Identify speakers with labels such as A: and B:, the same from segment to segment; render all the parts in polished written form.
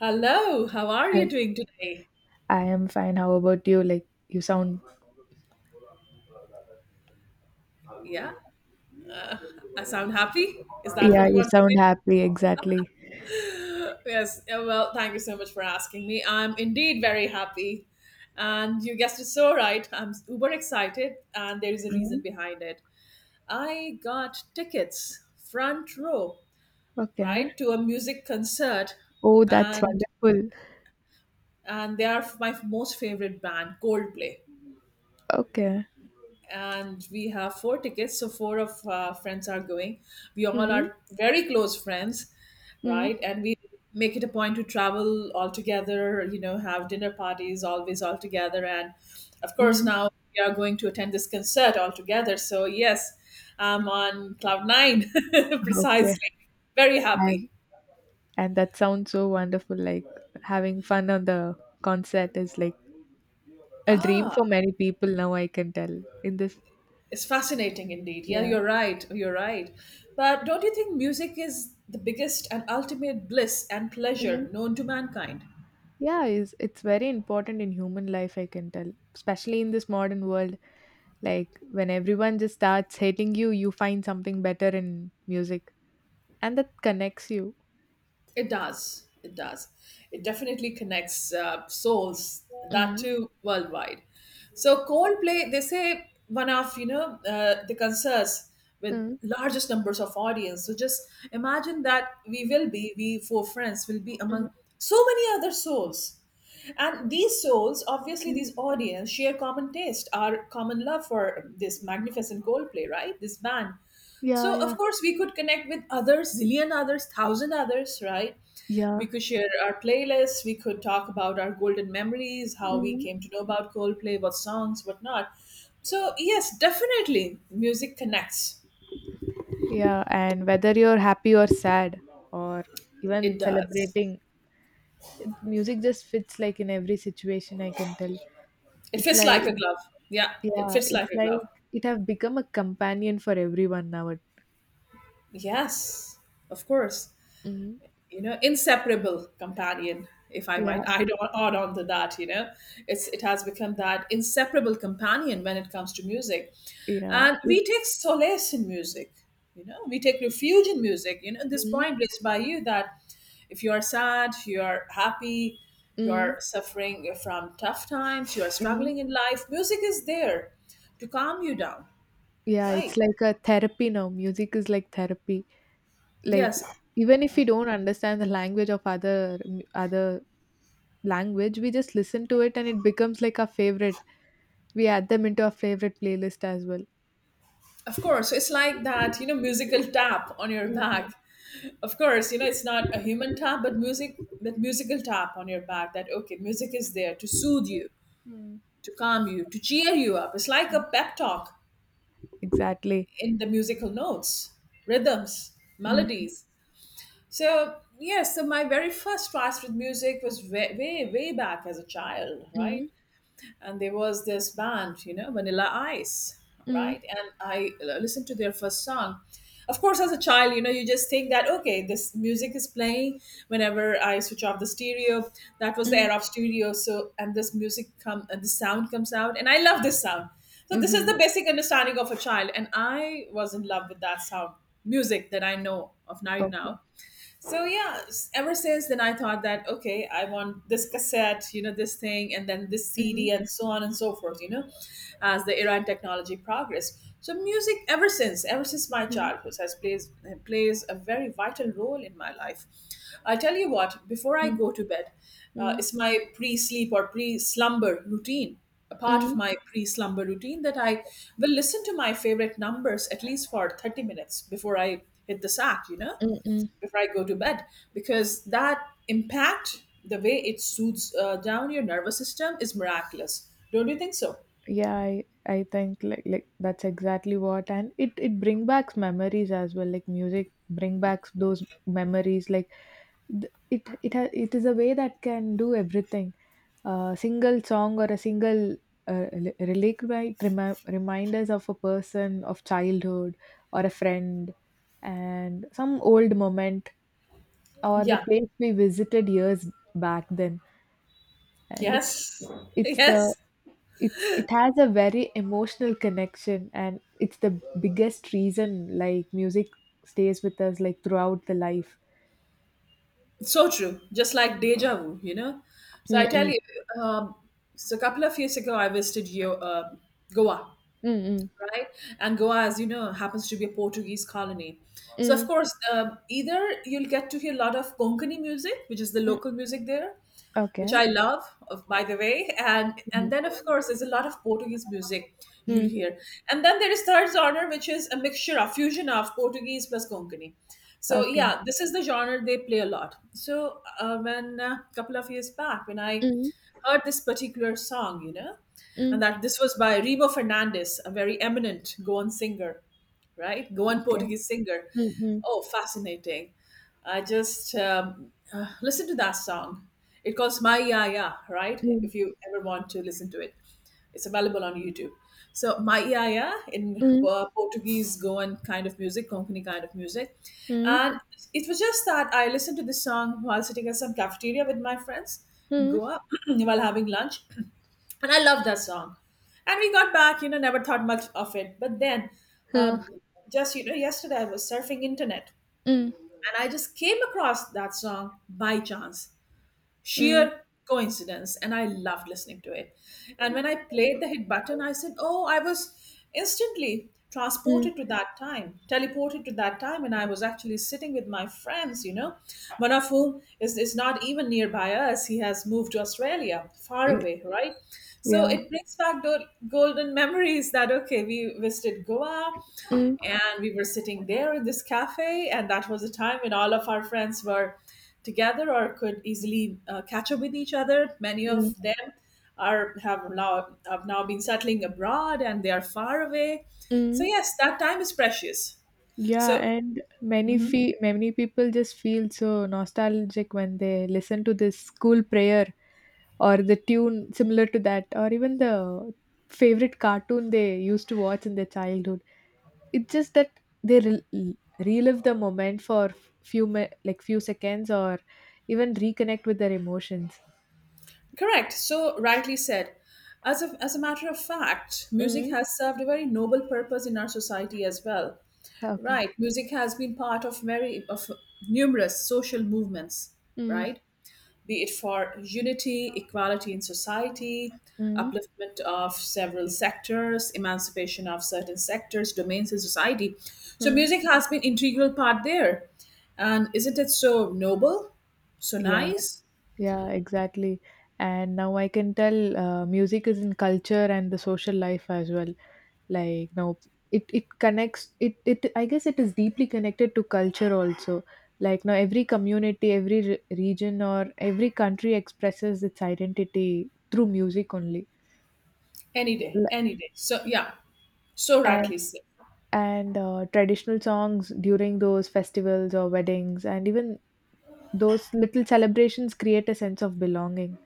A: Hello, how are
B: Hi.
A: you doing today?
B: I am fine. How about you? Like you sound,
A: Yeah, I sound happy. Is that what
B: yeah,
A: you
B: you
A: want to
B: sound
A: say?
B: happy. Exactly.
A: Yes, thank you so much for asking me. I'm indeed very happy. And you guessed it so right. I'm uber excited, and there is a reason
B: Mm.
A: behind it. I got tickets, front row,
B: Okay.
A: right, to a music concert,
B: Oh, that's
A: and
B: wonderful.
A: and they are my most favorite band, Coldplay.
B: Okay.
A: And we have 4 tickets, so 4 of our friends are going. We all
B: Mm,
A: are very close friends,
B: mm,
A: right, and we make it a point to travel all together, you know, have dinner parties always all together, and of course
B: mm.
A: now we are going to attend this concert all together. So yes, I'm on cloud nine.
B: Okay.
A: Precisely. Very
B: And
A: happy.
B: and that sounds so wonderful. Like having fun on the concert is like a dream for
A: Ah,
B: many people now. I can tell in this.
A: it's fascinating indeed. Yeah,
B: Yeah.
A: you're right. You're right. But don't you think music is the biggest and ultimate bliss and
B: Hmm.
A: pleasure known to mankind?
B: Yeah. Is it's very important in human life. I can tell, especially in this modern world. Like when everyone just starts hating you, you find something better in music and that connects you.
A: It does. It does. It definitely connects souls, that
B: Mm,
A: too, worldwide. So Coldplay, they say one of, the concerts with
B: mm,
A: largest numbers of audience. So just imagine that we 4 friends will be
B: mm,
A: among so many other souls. And these souls, obviously
B: mm.
A: these audience, share common taste, our common love for this magnificent Coldplay, right? This band.
B: Yeah,
A: So,
B: yeah,
A: of course, we could connect with others, zillion others, thousand others, right?
B: yeah.
A: We could share our playlists. We could talk about our golden memories, how we
B: Mm.
A: came to know about Coldplay, what songs, what not. So, yes, definitely, music connects.
B: Yeah, and whether you're happy or sad or even
A: It does.
B: celebrating, music just fits like in every situation. I can tell.
A: It
B: It's
A: fits
B: like
A: like a glove. Yeah, it
B: yeah,
A: fits
B: it's
A: like a
B: like
A: glove.
B: it have become a companion for everyone now.
A: Yes, of course.
B: Mm.
A: You know, inseparable companion, if I
B: Yeah,
A: might add on to that. It has become that inseparable companion when it comes to music,
B: yeah.
A: and
B: It.
A: we take solace in music. You know, we take refuge in music. You know, this
B: Mm,
A: point raised by you, that if you are sad, you are happy, you
B: mm,
A: are suffering from tough times, you are
B: mm.
A: struggling in life, music is there to calm you down,
B: Yeah, it's
A: right?
B: like a therapy now. Music is like therapy. Like
A: Yes,
B: even if we don't understand the language of other other language, we just listen to it and it becomes like our favorite. We add them into our favorite playlist as well.
A: of course. It's like that, you know, musical tap on your
B: Mm, mm,
A: back. Of course, you know, it's not a human tap, but music, that musical tap on your back, that okay, music is there to soothe you,
B: mm.
A: to calm you, to cheer you up. It's like a pep talk
B: Exactly.
A: in the musical notes, rhythms,
B: Mm,
A: melodies. So yes, so my very first trust with music was way way back as a child,
B: mm,
A: right? And there was this band, you know, Vanilla Ice,
B: mm,
A: right? And I listened to their first song. Of course, as a child, you know, you just think that okay, this music is playing whenever I switch off the stereo. That was the
B: mm,
A: era of stereo, so and this music come and the sound comes out, and I love this sound. So this is
B: mhm.
A: the basic understanding of a child, and I was in love with that sound, music that I know of right
B: Okay.
A: now. So yeah, ever since then I thought that okay, I want this cassette, you know, this thing, and then this
B: Mm,
A: CD, and so on and so forth, you know, as the era and technology progressed. So music, ever since my
B: mm,
A: childhood, has plays a very vital role in my life. I tell you what. Before I
B: mm,
A: go to bed,
B: mm,
A: it's my pre-sleep or pre-slumber routine. A part of
B: mm,
A: my pre-slumber routine that I will listen to my favorite numbers at least for 30 minutes before I hit the sack. You know,
B: mm, mm.
A: before I go to bed, because that impact, the way it soothes down your nervous system, is miraculous. Don't you think so?
B: Yeah, I think like that's exactly what. And it bring back memories as well. Like music bring back those memories. Like it is a way that can do everything. A single song or a single relic might remind us of a person, of childhood, or a friend, and some old moment, or the
A: Yeah.
B: place we visited years back then. And
A: Yes.
B: it's the
A: Yes.
B: it's it has a very emotional connection and it's the biggest reason like music stays with us like throughout the life.
A: So true. Just like deja vu, you know. So I tell
B: Mm-mm.
A: you, um, so a couple of years ago, I visited Goa,
B: Mm-mm.
A: right? And Goa, as you know, happens to be a Portuguese colony. So of
B: Mm.
A: course, either you'll get to hear a lot of Konkani music, which is the
B: Mm.
A: local music there, which
B: Okay.
A: I love, of, by the way. And then
B: Mhm.
A: of course there's a lot of Portuguese music you'll
B: Mm.
A: hear. And then there is third genre, which is a mixture, a fusion of Portuguese plus Konkani. So
B: Okay.
A: yeah, this is the genre they play a lot. So when a couple of years back, when I
B: Mm.
A: heard this particular song, you know, and
B: Mm.
A: that this was by Rebo Fernandez, a very eminent Goan singer, right? Goan
B: Okay.
A: Portuguese singer.
B: Mm.
A: Oh, fascinating. I just listen to that song. It calls My Ya Ya, right?
B: Mm.
A: If you ever want to listen to it, it's available on YouTube. So, My Ya Ya in
B: Mm.
A: Portuguese Goan kind of music, Konkani kind of music.
B: Mm.
A: And it was just that I listened to this song while sitting at some cafeteria with my friends in
B: Mm.
A: Goa while having lunch, and I love that song. And we got back, you know, never thought much of it. But then,
B: Mm.
A: um,
B: Huh.
A: just you know, yesterday I was surfing internet,
B: Mm.
A: and I just came across that song by chance,
B: Mm.
A: sheer coincidence, and I loved listening to it. And when I played the hit button, I said oh, I was instantly
B: Mm.
A: transported to that time, teleported to that time, and I was actually sitting with my friends, you know, one of whom is not even nearby us, he has moved to Australia, far
B: Mm,
A: away, right? So
B: yeah.
A: it brings back those golden memories, that okay, we visited Goa,
B: Mm.
A: and we were sitting there in this cafe, and that was a time when all of our friends were together, or could easily catch up with each other. Many
B: Mm.
A: of them are have now been settling abroad, and they are far away. So
B: Mm.
A: yes, that time is precious,
B: Yeah,
A: so
B: and many people just feel so nostalgic when they listen to this school prayer or the tune similar to that, or even the favorite cartoon they used to watch in their childhood. It's just that they relive the moment for few mi- like few seconds, or even reconnect with their emotions.
A: correct, so rightly said. As a matter of fact, music
B: Mm.
A: has served a very noble purpose in our society as well,
B: Okay.
A: right? Music has been part of very of numerous social movements,
B: Mm.
A: right? Be it for unity, equality in society,
B: Mm.
A: upliftment of several sectors, emancipation of certain sectors, domains in society. So
B: Mm.
A: music has been integral part there. And isn't it so noble, so
B: Yeah,
A: nice?
B: yeah, exactly. And now I can tell, music is in culture and the social life as well. Like now it connects, it I guess it is deeply connected to culture also. Like now every community, every region, or every country expresses its identity through music only.
A: Any day,
B: L-
A: any day. So yeah, so
B: and
A: rightly said.
B: and traditional songs during those festivals or weddings, and even those little celebrations create a sense of belonging.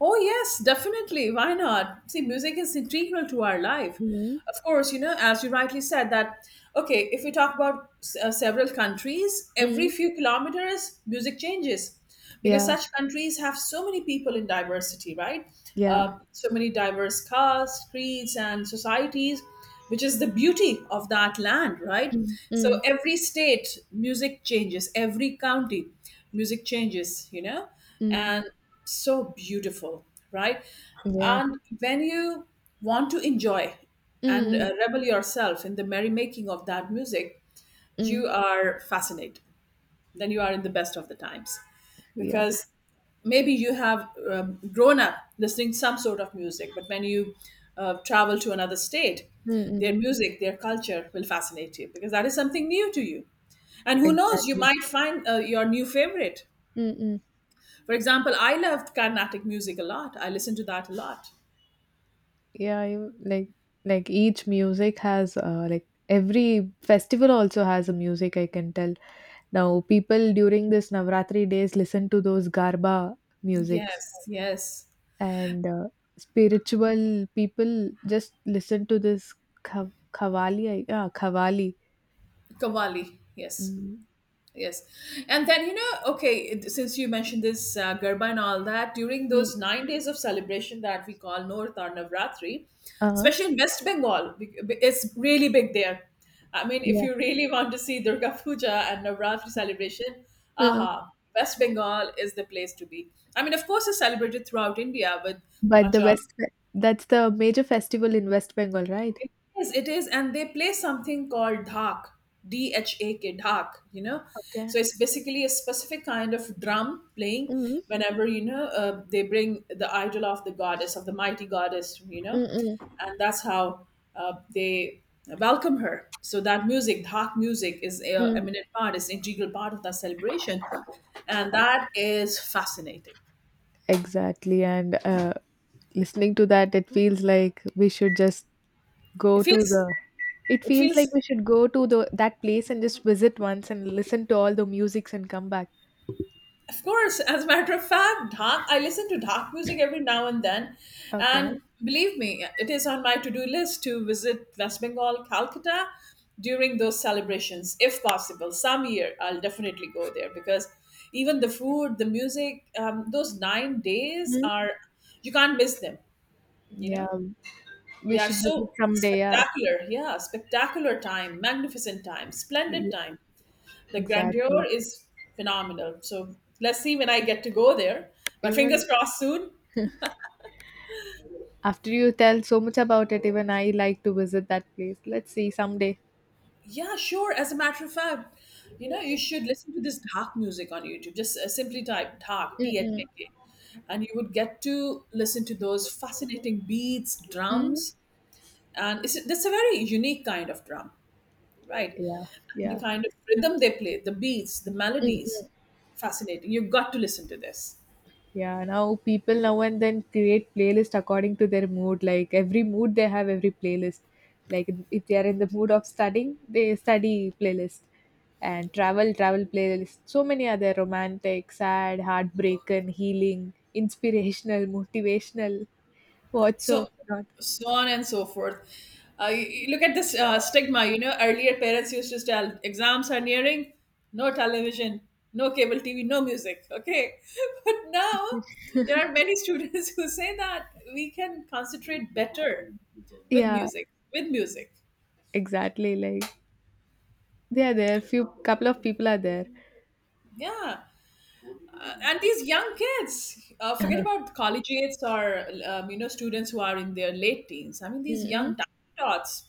A: Oh, yes, definitely. Why not? See, music is integral to our life.
B: Mm,
A: Of course, you know, as you rightly said, that okay, if we talk about several countries, every
B: mm.
A: few kilometers, music changes, because
B: Yeah,
A: such countries have so many people in diversity, right?
B: yeah.
A: So many diverse castes, creeds, and societies, which is the beauty of that land, right?
B: Mm,
A: So
B: mm,
A: every state, music changes, every county, music changes, you know,
B: mm.
A: and so beautiful, right?
B: Yeah.
A: And when you want to enjoy
B: Mm,
A: and
B: mm,
A: revel yourself in the merrymaking of that music,
B: mm.
A: you are fascinated. Then you are in the best of the times,
B: Yeah.
A: because maybe you have grown up listening to some sort of music, but when you travel to another state,
B: Mm, mm.
A: their music, their culture will fascinate you, because that is something new to you, and who knows, you
B: Exactly.
A: might find your new favorite.
B: Mm, mm.
A: For example, I loved carnatic music a lot, I listened to that a lot.
B: Yeah, you, like each music has, like every festival also has a music, I can tell. Now people during this Navratri days listen to those garba musics.
A: Yes, yes,
B: And spiritual people just listen to this khawali. Khawali.
A: kavali, yes.
B: Mm.
A: Yes. And then, you know, okay, since you mentioned this Garba and all that, during
B: Mm.
A: those 9 days of celebration that we call North or Navratri,
B: Uh,
A: especially in West Bengal, it's really big there. I mean, if
B: yeah.
A: you really want to see Durga Puja and Navratri celebration,
B: Huh.
A: aha, West Bengal is the place to be. I mean, of course, it's celebrated throughout India with
B: But the
A: much of.
B: west, that's the major festival in West Bengal, right?
A: Yes, it is, and they play something called dhak, D H A K, dhak. You know,
B: Okay.
A: so it's basically a specific kind of drum playing
B: Mm-hmm.
A: whenever, you know, they bring the idol of the goddess, of the mighty goddess. You know,
B: Mm-mm.
A: and that's how they welcome her. So that music, dhak music, is a eminent part, is integral part of that celebration, and that is fascinating.
B: Exactly. And listening to that, it feels like we should just
A: It
B: go to
A: feels,
B: the. It
A: it
B: feels like
A: feels.
B: we should go to the that place and just visit once and listen to all the musics and come back.
A: Of course, as a matter of fact, dark, I listen to dark music every now and then. And
B: Okay.
A: believe me, it is on my to do list to visit West Bengal, Calcutta during those celebrations, if possible. Some year I'll definitely go there, because even the food, the music, those 9 days
B: Hmm.
A: are, you can't miss them, you
B: Yeah,
A: know?
B: we
A: They are
B: should visit
A: so
B: someday. Yeah,
A: spectacular. Yeah, spectacular time, magnificent time, splendid time, the grandeur
B: exactly.
A: is phenomenal. So let's see when I get to go there. But
B: Even
A: fingers crossed soon.
B: after you tell so much about it, even I like to visit that place. Let's see someday.
A: Yeah, sure. As a matter of fact, you know, you should listen to this dark music on YouTube. Just simply type dark, D H
B: Mm-mm.
A: A K, and you would get to listen to those fascinating beats,
B: Mm.
A: drums. And that's a very unique kind of drum, right?
B: Yeah,
A: The
B: yeah.
A: kind of rhythm they play, the beats, the melodies,
B: Mm-mm.
A: fascinating. You've got to listen to this.
B: Yeah, now people now and then create playlist according to their mood. Like every mood they have every playlist. Like if they are in the mood of studying, they study playlist and travel playlist. So many other romantic, sad, heartbreaking, healing, inspirational, motivational, what so
A: so
B: not.
A: so on and so forth. You look at this stigma. You know, earlier parents used to tell, exams are nearing, no television, no cable TV, no music, okay. But now there are many students who say that we can concentrate better with
B: Yeah,
A: music. with music
B: exactly. Like they are there. Few couple of people are there.
A: yeah. And these young kids, forget about collegiates or you know, students who are in their late teens, I mean these
B: Mm-hmm.
A: young dots,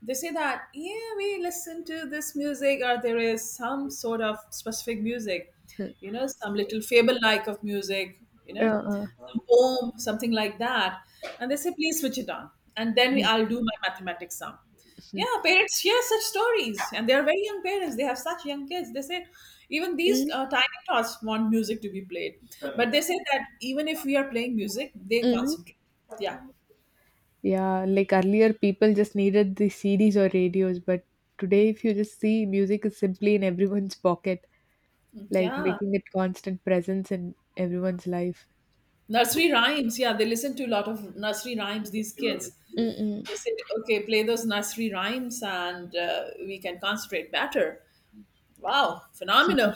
A: they say that, yeah, we listen to this music, or there is some sort of specific music, you know, some little fable like of music, you know,
B: Uh-uh.
A: some poem, something like that. And they say, please switch it on, and then I'll do my mathematics sum. Yeah, parents share such stories, and they are very young parents, they have such young kids. They say even these tiny tots want music to be played, but they say that even if we are playing music, they
B: Mm-hmm.
A: concentrate. Yeah.
B: Yeah, like earlier people just needed the CDs or radios, but today if you just see music is simply in everyone's pocket,
A: Mm,
B: like
A: yeah.
B: making it constant presence in everyone's life.
A: Nursery rhymes, yeah, they listen to a lot of nursery rhymes, these kids.
B: Mm-mm.
A: They said, okay, play those nursery rhymes and we can concentrate better. Wow, phenomenal.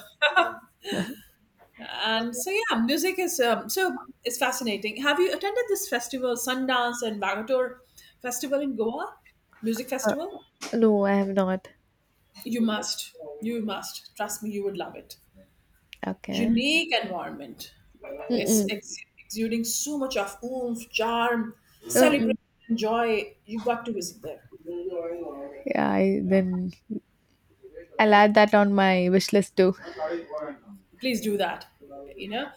A: And so, yeah, music is so it's fascinating. Have you attended this festival, Sundance and Bagator Festival in Goa? Music festival?
B: No, I have not.
A: You must. You must. Trust me, you would love it.
B: Okay.
A: Unique environment. It's
B: Mm-mm.
A: exuding so much of oomph, charm, celebration,
B: Mm-mm.
A: joy. You've got to visit there.
B: Yeah, I, then I'll add that on my wish list too.
A: Please do that. You know,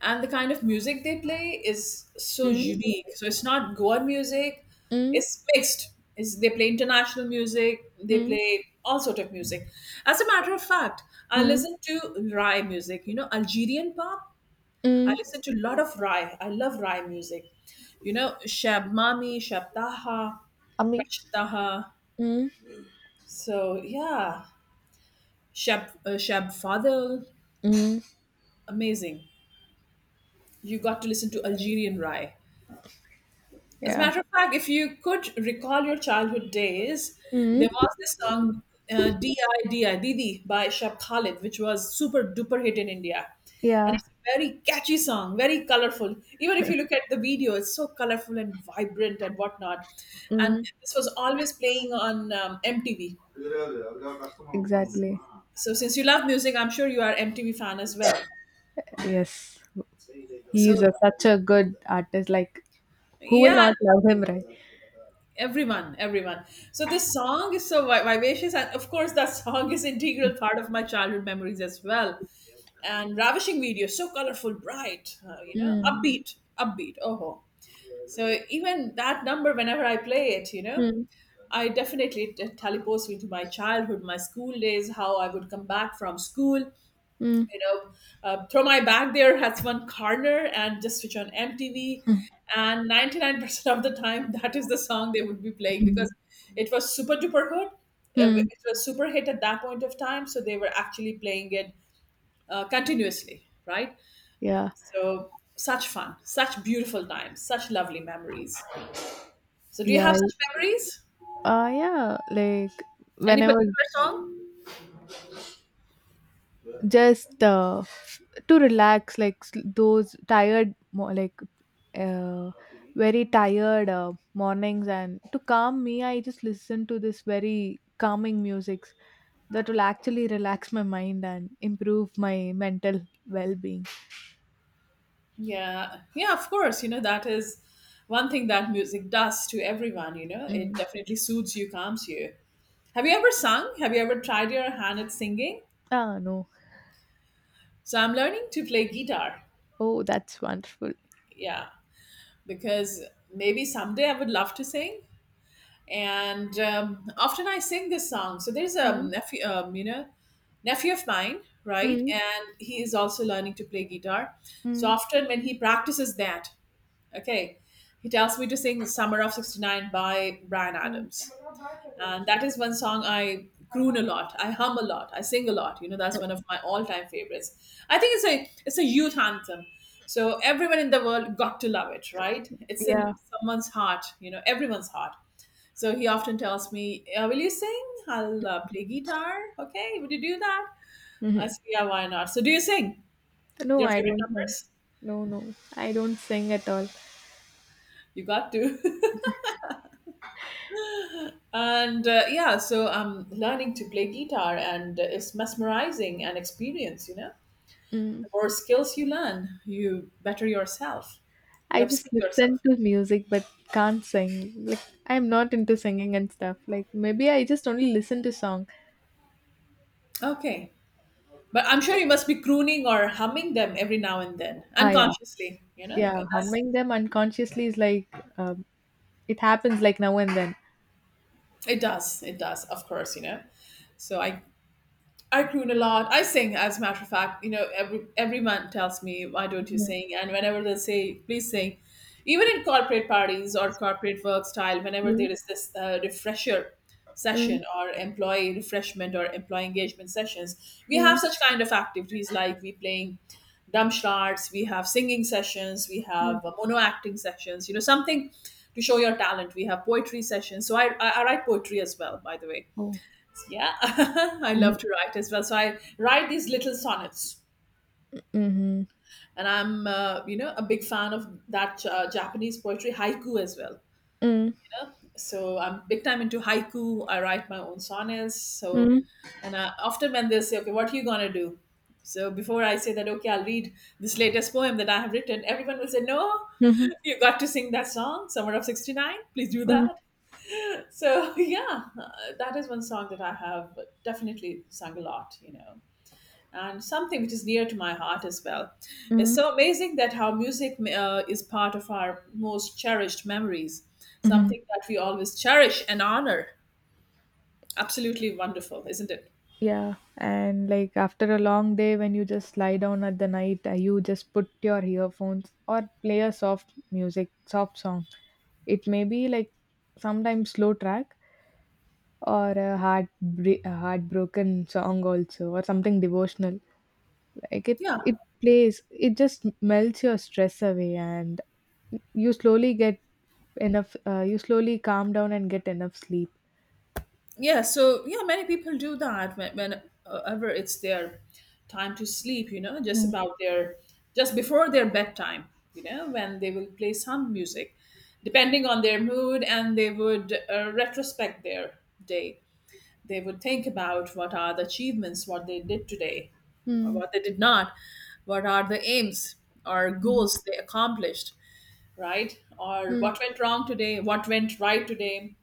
A: and the kind of music they play is so
B: Mm.
A: unique. So it's not Goan music;
B: Mm.
A: it's mixed. Is they play international music, they
B: Mm.
A: play all sort of music. As a matter of fact, I
B: Mm.
A: listen to Rai music. You know, Algerian pop. I
B: Mm.
A: listen to a lot of Rai. I love Rai music. You know, Shab Mami, Shab Taha,
B: Ami.
A: Rash Taha.
B: Mm.
A: So, yeah, Shab Fadel,
B: Mm.
A: amazing. You got to listen to Algerian Rai. As a
B: Yeah.
A: matter of fact, if you could recall your childhood days,
B: Mm.
A: there was this song "Di Didi" by Shab Khalid, which was super duper hit in India, and
B: Yeah.
A: it's a very catchy song, very colorful. Even if you look at the video, it's so colorful and vibrant and whatnot. And
B: Mm.
A: this was always playing on MTV.
B: Exactly.
A: So since you love music, I'm sure you are MTV fan as well.
B: Yes. He
A: So
B: is a, such a good artist. Like, who will
A: yeah,
B: not love him, right?
A: everyone, so the song is so vivacious, and of course that song is integral part of my childhood memories as well. And ravishing video, so colorful, bright, you know,
B: Mm.
A: upbeat, oh ho. So even that number, whenever I play it, you know,
B: Mm.
A: I definitely, it teleports me to my childhood, my school days, how I would come back from school,
B: Mm.
A: you know, throw my bag there has one corner and just switch on MTV. And 99% of the time, that is the song they would be playing, because it was super duper hit.
B: Mm.
A: It was super hit at that point of time. So they were actually playing it continuously, right?
B: Yeah.
A: So such fun, such beautiful times, such lovely memories. So do you
B: Yeah.
A: have
B: I-
A: such memories?
B: Yeah. Like,
A: Any
B: when I was
A: particular song?
B: just to relax, like, those tired, like, uh, very tired mornings and to calm me, I just listen to this very calming music that will actually relax my mind and improve my mental well-being.
A: Yeah, yeah, of course. You know, that is one thing that music does to everyone, you know.
B: Mm.
A: It definitely soothes you, calms you. Have you ever sung? Have you ever tried your hand at singing?
B: Ah, no.
A: So I'm learning to play guitar.
B: Oh, that's wonderful.
A: Yeah, because maybe someday I would love to sing. And often I sing this song. So there's a
B: Mm.
A: nephew, you know, nephew of mine, right?
B: Mm.
A: And he is also learning to play guitar. So
B: Mm.
A: often when he practices that, okay, he tells me to sing Summer of 69 by Brian
B: Mm.
A: Adams. And that is one song I croon a lot. I hum a lot. I sing a lot. You know, that's
B: Mm.
A: one of my all-time favorites. I think it's a youth anthem. So everyone in the world got to love it, right? It's
B: Yeah.
A: in someone's heart, you know, everyone's heart. So he often tells me, "Will you sing? I'll play guitar. Okay, would you do that?" I
B: Hmm.
A: say, "Yeah, why not?" So do you sing
B: No,
A: your
B: I
A: favorite
B: don't sing.
A: numbers?
B: No, no, I don't sing at all.
A: You got to. And yeah, so I'm learning to play guitar, and it's mesmerizing an experience, you know.
B: Mm.
A: The more skills you learn, you better yourself, you
B: I
A: upskill
B: just listen
A: yourself.
B: to music but can't sing. Like I'm not into singing and stuff. Like maybe I just only listen to song.
A: Okay. But I'm sure you must be crooning or humming them every now and then,
B: Ah, yeah,
A: unconsciously, you know.
B: yeah.
A: That's,
B: Humming them unconsciously is like, um, it happens like now and then.
A: it does, of course, you know. So I croon a lot. I sing, as a matter of fact. You know, every man tells me, "Why don't you
B: Mm.
A: sing?" And whenever they say, "Please sing," even in corporate parties or corporate work style, whenever
B: Mm.
A: there is this refresher
B: Mm.
A: session or employee refreshment or employee engagement sessions, we have
B: Mm.
A: such kind of activities, like we playing dumb charts, we have singing sessions, we have
B: Mm.
A: mono acting sessions. You know, something to show your talent. We have poetry sessions. So I write poetry as well, by the way.
B: Oh.
A: Yeah, I love
B: Mhm.
A: to write as well. So I write these little sonnets,
B: Mhm.
A: and I'm you know, a big fan of that Japanese poetry haiku as well.
B: Mm.
A: You know, so I'm big time into haiku. I write my own sonnets. So,
B: Mm.
A: and I, often when they say, "Okay, what are you gonna do?" So before I say that, okay, I'll read this latest poem that I have written, everyone will say, "No,
B: Mhm.
A: you got to sing that song, Summer of '69. Please do
B: Mm.
A: that." So yeah, that is one song that I have definitely sung a lot. You know, and something which is near to my heart as well. It's
B: Mm.
A: so amazing that how music is part of our most cherished memories,
B: Mhm.
A: something that we always cherish and honor. Absolutely wonderful, isn't it?
B: Yeah, and like after a long day, when you just lie down at the night, you just put your earphones or play a soft music, soft song. It may be like sometimes slow track, or a heartbroken song also, or something devotional. Like it
A: Yeah,
B: it plays, it just melts your stress away and you slowly get you slowly calm down and get enough sleep.
A: yeah. So yeah, many people do that when, whenever it's their time to sleep. You know, just
B: Mm,
A: about their just before their bedtime. You know, when they will play some music, depending on their mood, and they would retrospect their day. They would think about what are the achievements, what they did today, or
B: mm,
A: what they did not, what are the aims or
B: mhm,
A: goals they accomplished, right, or
B: mm,
A: what went wrong today, what went right today,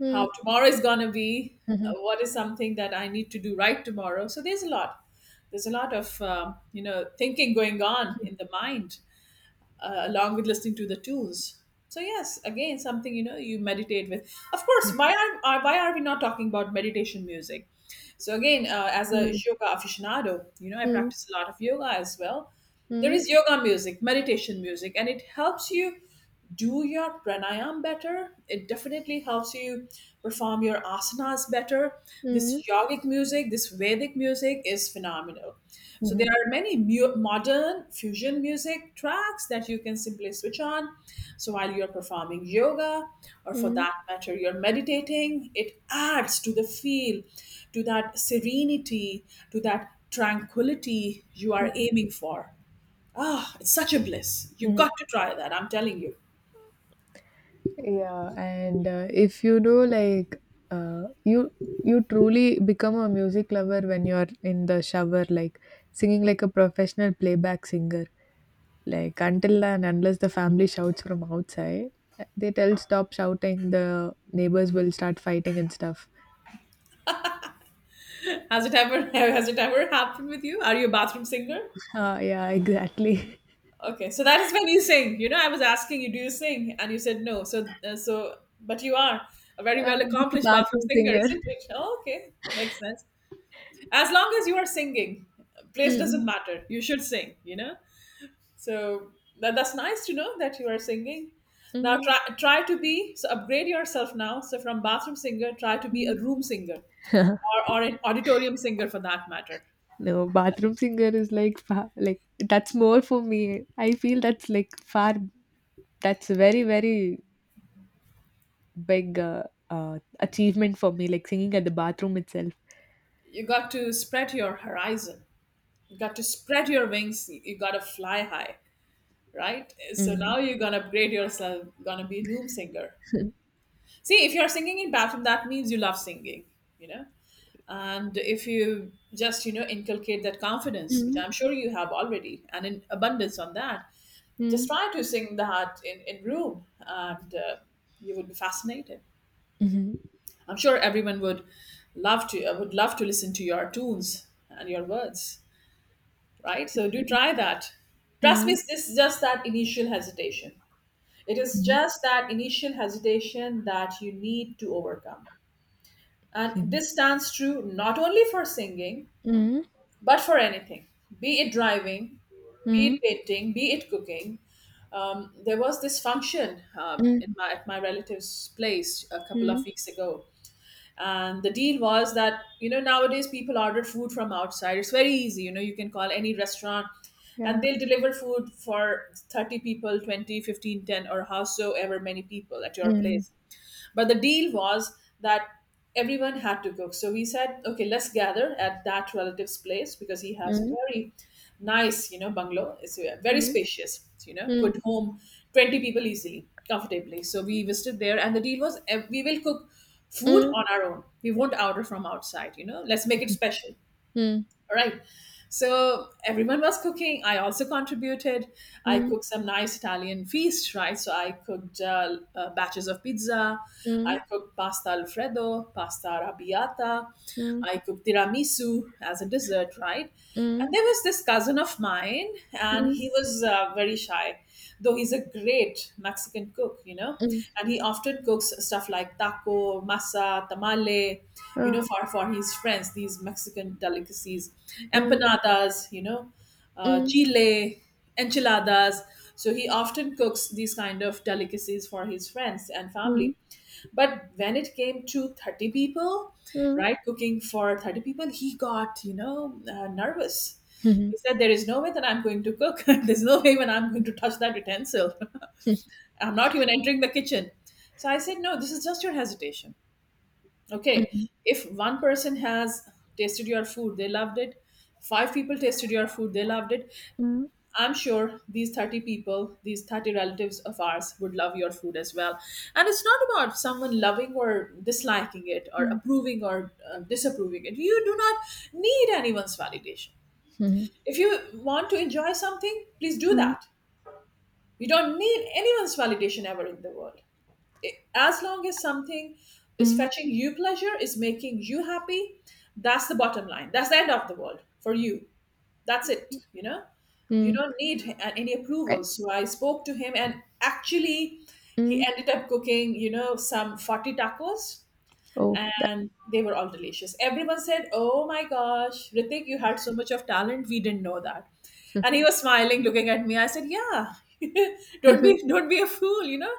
B: mm,
A: how tomorrow is going to be,
B: mhm,
A: what is something that I need to do right tomorrow. So there's a lot of you know, thinking going on in the mind, along with listening to the tunes. So yes, again, something you know, you meditate with. Of course, why why are we not talking about meditation music? So again, as a
B: mm,
A: yoga aficionado, you know, I practice a lot of yoga as well.
B: mm,
A: There
B: mm,
A: is yoga music, meditation music, and it helps you do your pranayam better. It definitely helps you perform your asanas better.
B: mhm,
A: This yogic music, this Vedic music is phenomenal. So
B: mhm,
A: there are many modern fusion music tracks that you can simply switch on. So while you're performing yoga, or for
B: mm,
A: that matter, you're meditating, it adds to the feel, to that serenity, to that tranquility you are
B: mm,
A: aiming for. Ah, it's such a bliss. You've
B: mhm.
A: got to try that, I'm telling you.
B: Yeah, and if you do like, you you truly become a music lover when you're in the shower, like singing like a professional playback singer, like until and unless the family shouts from outside, they tell stop shouting the neighbors will start fighting and stuff.
A: Has it ever has it ever happened with you? Are you a bathroom singer?
B: Uh, yeah, exactly.
A: Okay, so that is when you sing. You know, I was asking you, do you sing? And you said no. So but you are a very well
B: Just a
A: accomplished bathroom
B: bathroom
A: singer,
B: singer.
A: isn't it? Oh, okay, makes sense. As long as you are singing, place doesn't matter. You should sing. You know, so that, that's nice to know that you are singing. Now
B: Mm-hmm.
A: try to be, so upgrade yourself now. So from bathroom singer, try to be a room singer, or an auditorium singer for that matter.
B: No, bathroom singer is like like that's more for me. I feel that's like far, that's a very big, achievement for me, like singing at the bathroom itself.
A: You got to spread your horizon, you got to spread your wings, you got to fly high, right? So
B: Mm.
A: now you're gonna upgrade yourself, gonna be a room singer. See, if you're singing in bathroom, that means you love singing, you know. And if you just, you know, inculcate that confidence, which
B: Mm.
A: I'm sure you have already and in abundance on that, just
B: Mm.
A: try to sing that in room, and you would be fascinated.
B: Mhm.
A: I'm sure everyone would love to listen to your tunes and your words, right? So do try that. Trust me,
B: Mm.
A: it's just that initial hesitation. It is
B: Mhm.
A: just that initial hesitation that you need to overcome. And
B: Mhm.
A: this stands true not only for singing,
B: Mm.
A: but for anything, be it driving, be it
B: Mm.
A: painting, be it cooking. There was this function
B: Mm.
A: in my, at my relative's place a couple
B: Mm.
A: of weeks ago, and the deal was that, you know, nowadays people order food from outside. It's very easy, you know. You can call any restaurant and
B: Yeah.
A: they'll deliver food for 30 people, 20, 15, 10, or howsoever many people at your
B: Mm.
A: place. But the deal was that everyone had to cook. So we said, okay, let's gather at that relative's place because he has
B: Mm.
A: very nice, you know, bungalow. It's very spacious, you know,
B: Mm.
A: could home 20 people easily, comfortably. So we visited there and the deal was we will cook food
B: Mm.
A: on our own. We won't order from outside, you know. Let's make it special.
B: Mm.
A: All right. So everyone was cooking. I also contributed. I
B: Mm.
A: cooked some nice Italian feast, right? So I cooked batches of pizza.
B: Mm.
A: I cooked pasta alfredo, pasta arrabbiata.
B: Mm.
A: I cooked tiramisu as a dessert, right?
B: Mm.
A: And there was this cousin of mine,
B: Mm.
A: and
B: Mm.
A: he was very shy, though he's a great Mexican cook, you know,
B: Mm.
A: and he often cooks stuff like taco, masa, tamale, you
B: Uh,
A: know, for his friends, these Mexican delicacies,
B: mm.
A: empanadas, you know,
B: Mm.
A: chile, enchiladas. So he often cooks these kind of delicacies for his friends and
B: Mm.
A: family. But when it came to 30 people,
B: Mm.
A: right, cooking for 30 people, he got, you know, nervous.
B: Mhm.
A: He said, "There is no way that I'm going to cook. There's no way when I'm going to touch that utensil.
B: This.
A: I'm not even entering the kitchen." So I said, "No, this is just your hesitation. Okay.
B: Mm,
A: If one person has tasted your food, they loved it. Five people tasted your food, they loved it.
B: mm.
A: I'm sure these 30 people, these 30 relatives of ours would love your food as well. And it's not about someone loving or disliking it or
B: Oh.
A: approving or disapproving it. You do not need anyone's validation.
B: Mm,
A: If you want to enjoy something, please do
B: mm,
A: that. You don't need anyone's validation ever in the world. As long as something is
B: mm,
A: fetching you pleasure, is making you happy, that's the bottom line. That's the end of the world for you. That's it, you know? You
B: mm.
A: don't need any approval."
B: Right.
A: So I spoke to him, and actually, he
B: Mm.
A: ended up cooking, you know, some 40 tacos,
B: Oh, that.
A: and they were all delicious. Everyone said, "Oh my gosh, Ritik, you had so much of talent. We didn't know that." And he was smiling, looking at me. I said, "Yeah, don't be a fool, you know.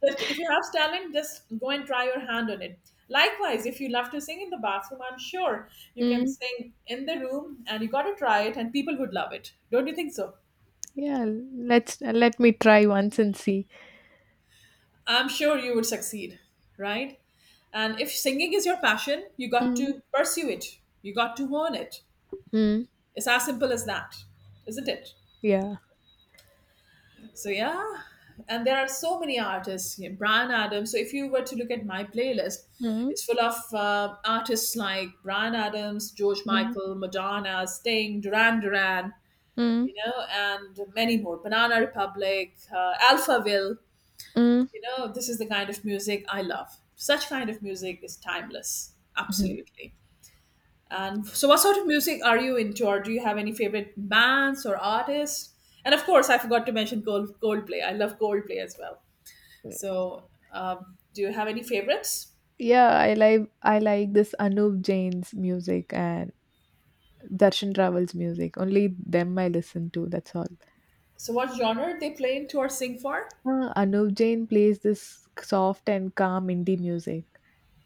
A: But if you have talent, just go and try your hand on it." Likewise, if you love to sing in the bathroom, I'm sure you can
B: Mm.
A: sing in the room, and you got to try it, and people would love it. Don't you think so?
B: Yeah, let's let me try once and see.
A: I'm sure you would succeed, right? And if singing is your passion, you got
B: Mm,
A: to pursue it. You got to hone it.
B: mm.
A: It's as simple as that, isn't it?
B: Yeah.
A: So yeah, and there are so many artists. You know, Brian Adams. So if you were to look at my playlist,
B: Mm,
A: it's full of artists like Brian Adams, George
B: mm,
A: Michael, Madonna, Sting, Duran Duran,
B: mm,
A: you know, and many more. Banana Republic, Alphaville.
B: mm,
A: You know, this is the kind of music I love. Such kind of music is timeless.
B: mhm.
A: Absolutely. And so, what sort of music are you into, or do you have any favorite bands or artists? And of course, I forgot to mention Gold Coldplay. I love Coldplay as well. So, do you have any favorites?
B: Yeah, I like this Anup Jain's music and Darshan Raval's music. Only them I listen to, that's all.
A: So, what genre they play into or sing for?
B: Anup Jain plays this soft and calm indie music.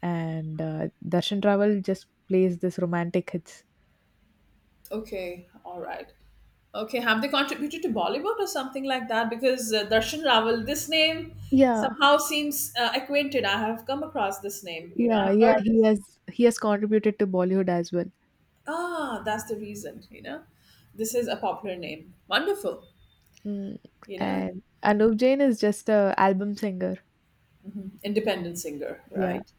B: And Darshan Rawal just plays this romantic hits.
A: Okay, all right. Okay, have they contributed to Bollywood or something like that? Because Darshan Rawal, this name
B: Yeah,
A: somehow seems acquainted. I have come across this name. You know,
B: yeah,
A: I've
B: yeah.
A: heard
B: He
A: this.
B: has he has contributed to Bollywood as well.
A: Ah, that's the reason. You know, this is a popular name. Wonderful.
B: Mm.
A: You know,
B: And Anup Jain is just a album singer.
A: independent singer,
B: Yeah.
A: right?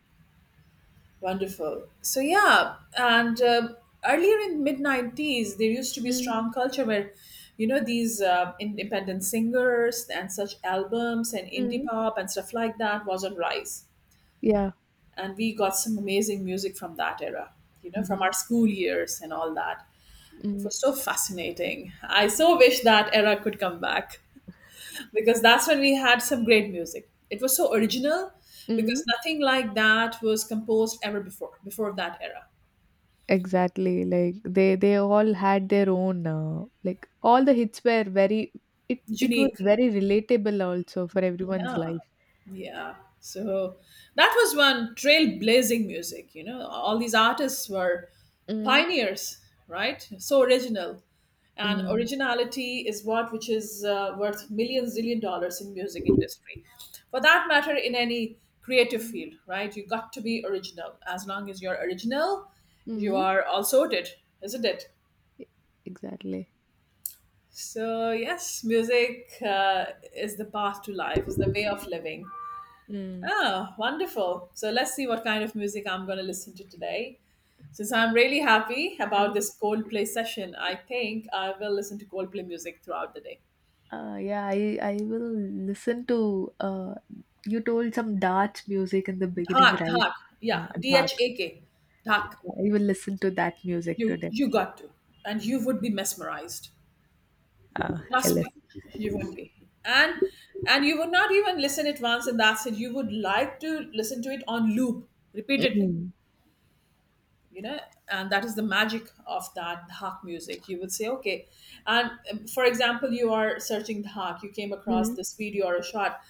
A: Wonderful. So yeah, and earlier in mid '90s, there used to be a
B: Mm,
A: strong culture where, you know, these independent singers and such albums and indie
B: mm,
A: pop and stuff like that was on rise,
B: yeah.
A: and we got some amazing music from that era, you know, from
B: Mm,
A: our school years and all that. It
B: mm,
A: was so fascinating. I so wish that era could come back, because that's when we had some great music. It was so original because
B: mm.
A: nothing like that was composed ever before that era.
B: Exactly. Like they all had their own, like all the hits were very, it was
A: Unique.
B: very relatable also for everyone's
A: Yeah.
B: life.
A: Yeah. So that was one trailblazing music. You know, all these artists were
B: Mm,
A: pioneers, right? So original. And
B: mm,
A: originality is what which is worth millions, zillion dollars in music industry. For that matter, in any creative
B: mm,
A: field, right? You got to be original. As long as you're original, you
B: mm.
A: are all sorted, isn't it?
B: Exactly.
A: So yes, music is the path to life, is the way of living.
B: Mm.
A: Oh, wonderful. So let's see what kind of music I'm going to listen to today. Since I'm really happy about this Coldplay session, I think I will listen to Coldplay music throughout the day.
B: Yeah, I will listen to. You told some dance music in the beginning,
A: Dhak,
B: right?
A: Dhak. Yeah, D
B: Dhak.
A: H A K. Dhak.
B: I will listen to that music
A: You,
B: today.
A: you got to. And you would be mesmerized.
B: I
A: Trust me,
B: listen.
A: you would be. And and you would not even listen it once and that's it. You would like to listen to it on loop repeatedly.
B: Mm,
A: You know, and that is the magic of that dhak music. You would say okay. And for example, you are searching dhak, you came across
B: mm,
A: this video or a shot,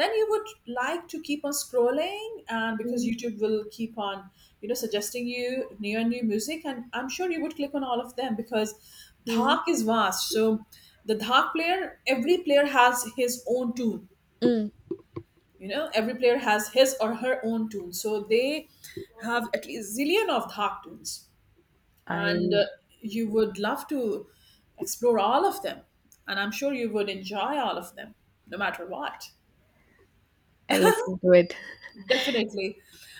A: then you would like to keep on scrolling, and because
B: mm,
A: YouTube will keep on, you know, suggesting you new and new music, and I'm sure you would click on all of them because
B: mm,
A: dhak is vast. So the dhak player, every player has his own tune,
B: mm.
A: you know, every player has his or her own tune, so they have at least zillion of dhak tunes.
B: I
A: And
B: will.
A: you would love to explore all of them, and I'm sure you would enjoy all of them, no matter what.
B: I listen to it.
A: Definitely.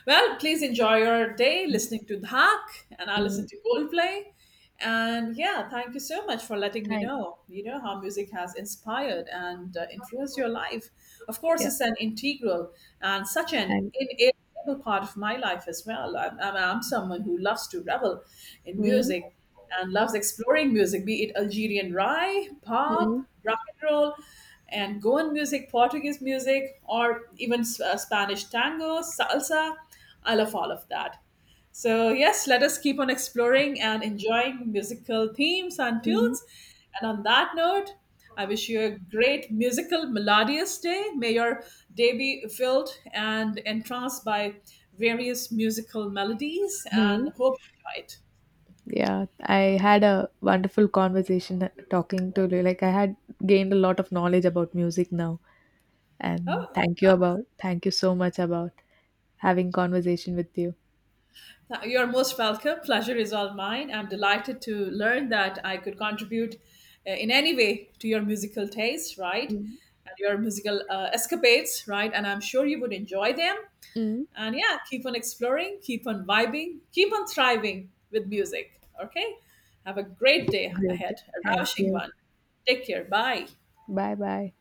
A: Well, please enjoy your day listening to Dhak, and I'll listen
B: Mm,
A: to Coldplay. And yeah, thank you so much for letting me
B: thank.
A: know, you know, how music has inspired and influenced your life. Of course,
B: Yeah.
A: it's an integral and such an
B: And.
A: inevitable part of my life as well. I'm someone who loves to revel in
B: Mm,
A: music and loves exploring music, be it Algerian rai,
B: mm,
A: pop, rock and roll, and Goan music, Portuguese music, or even Spanish tango, salsa. I love all of that. So, yes, let us keep on exploring and enjoying musical themes and
B: mm,
A: tunes. And on that note, I wish you a great musical, melodious day. May your day be filled and entranced by various musical melodies,
B: mm.
A: and hope you enjoy it.
B: Yeah, I had a wonderful conversation talking to you. Like I had gained a lot of knowledge about music now. And
A: Oh,
B: thank you so much about having conversation with you.
A: You're most welcome. Pleasure is all mine. I'm delighted to learn that I could contribute in any way to your musical taste, right?
B: Mm.
A: And your musical escapades, right? And I'm sure you would enjoy them.
B: Mm.
A: And yeah, keep on exploring, keep on vibing, keep on thriving with music, okay? Have a great day ahead,
B: Great.
A: a
B: Thank
A: ravishing
B: you.
A: one. Take care. Bye.
B: Bye bye.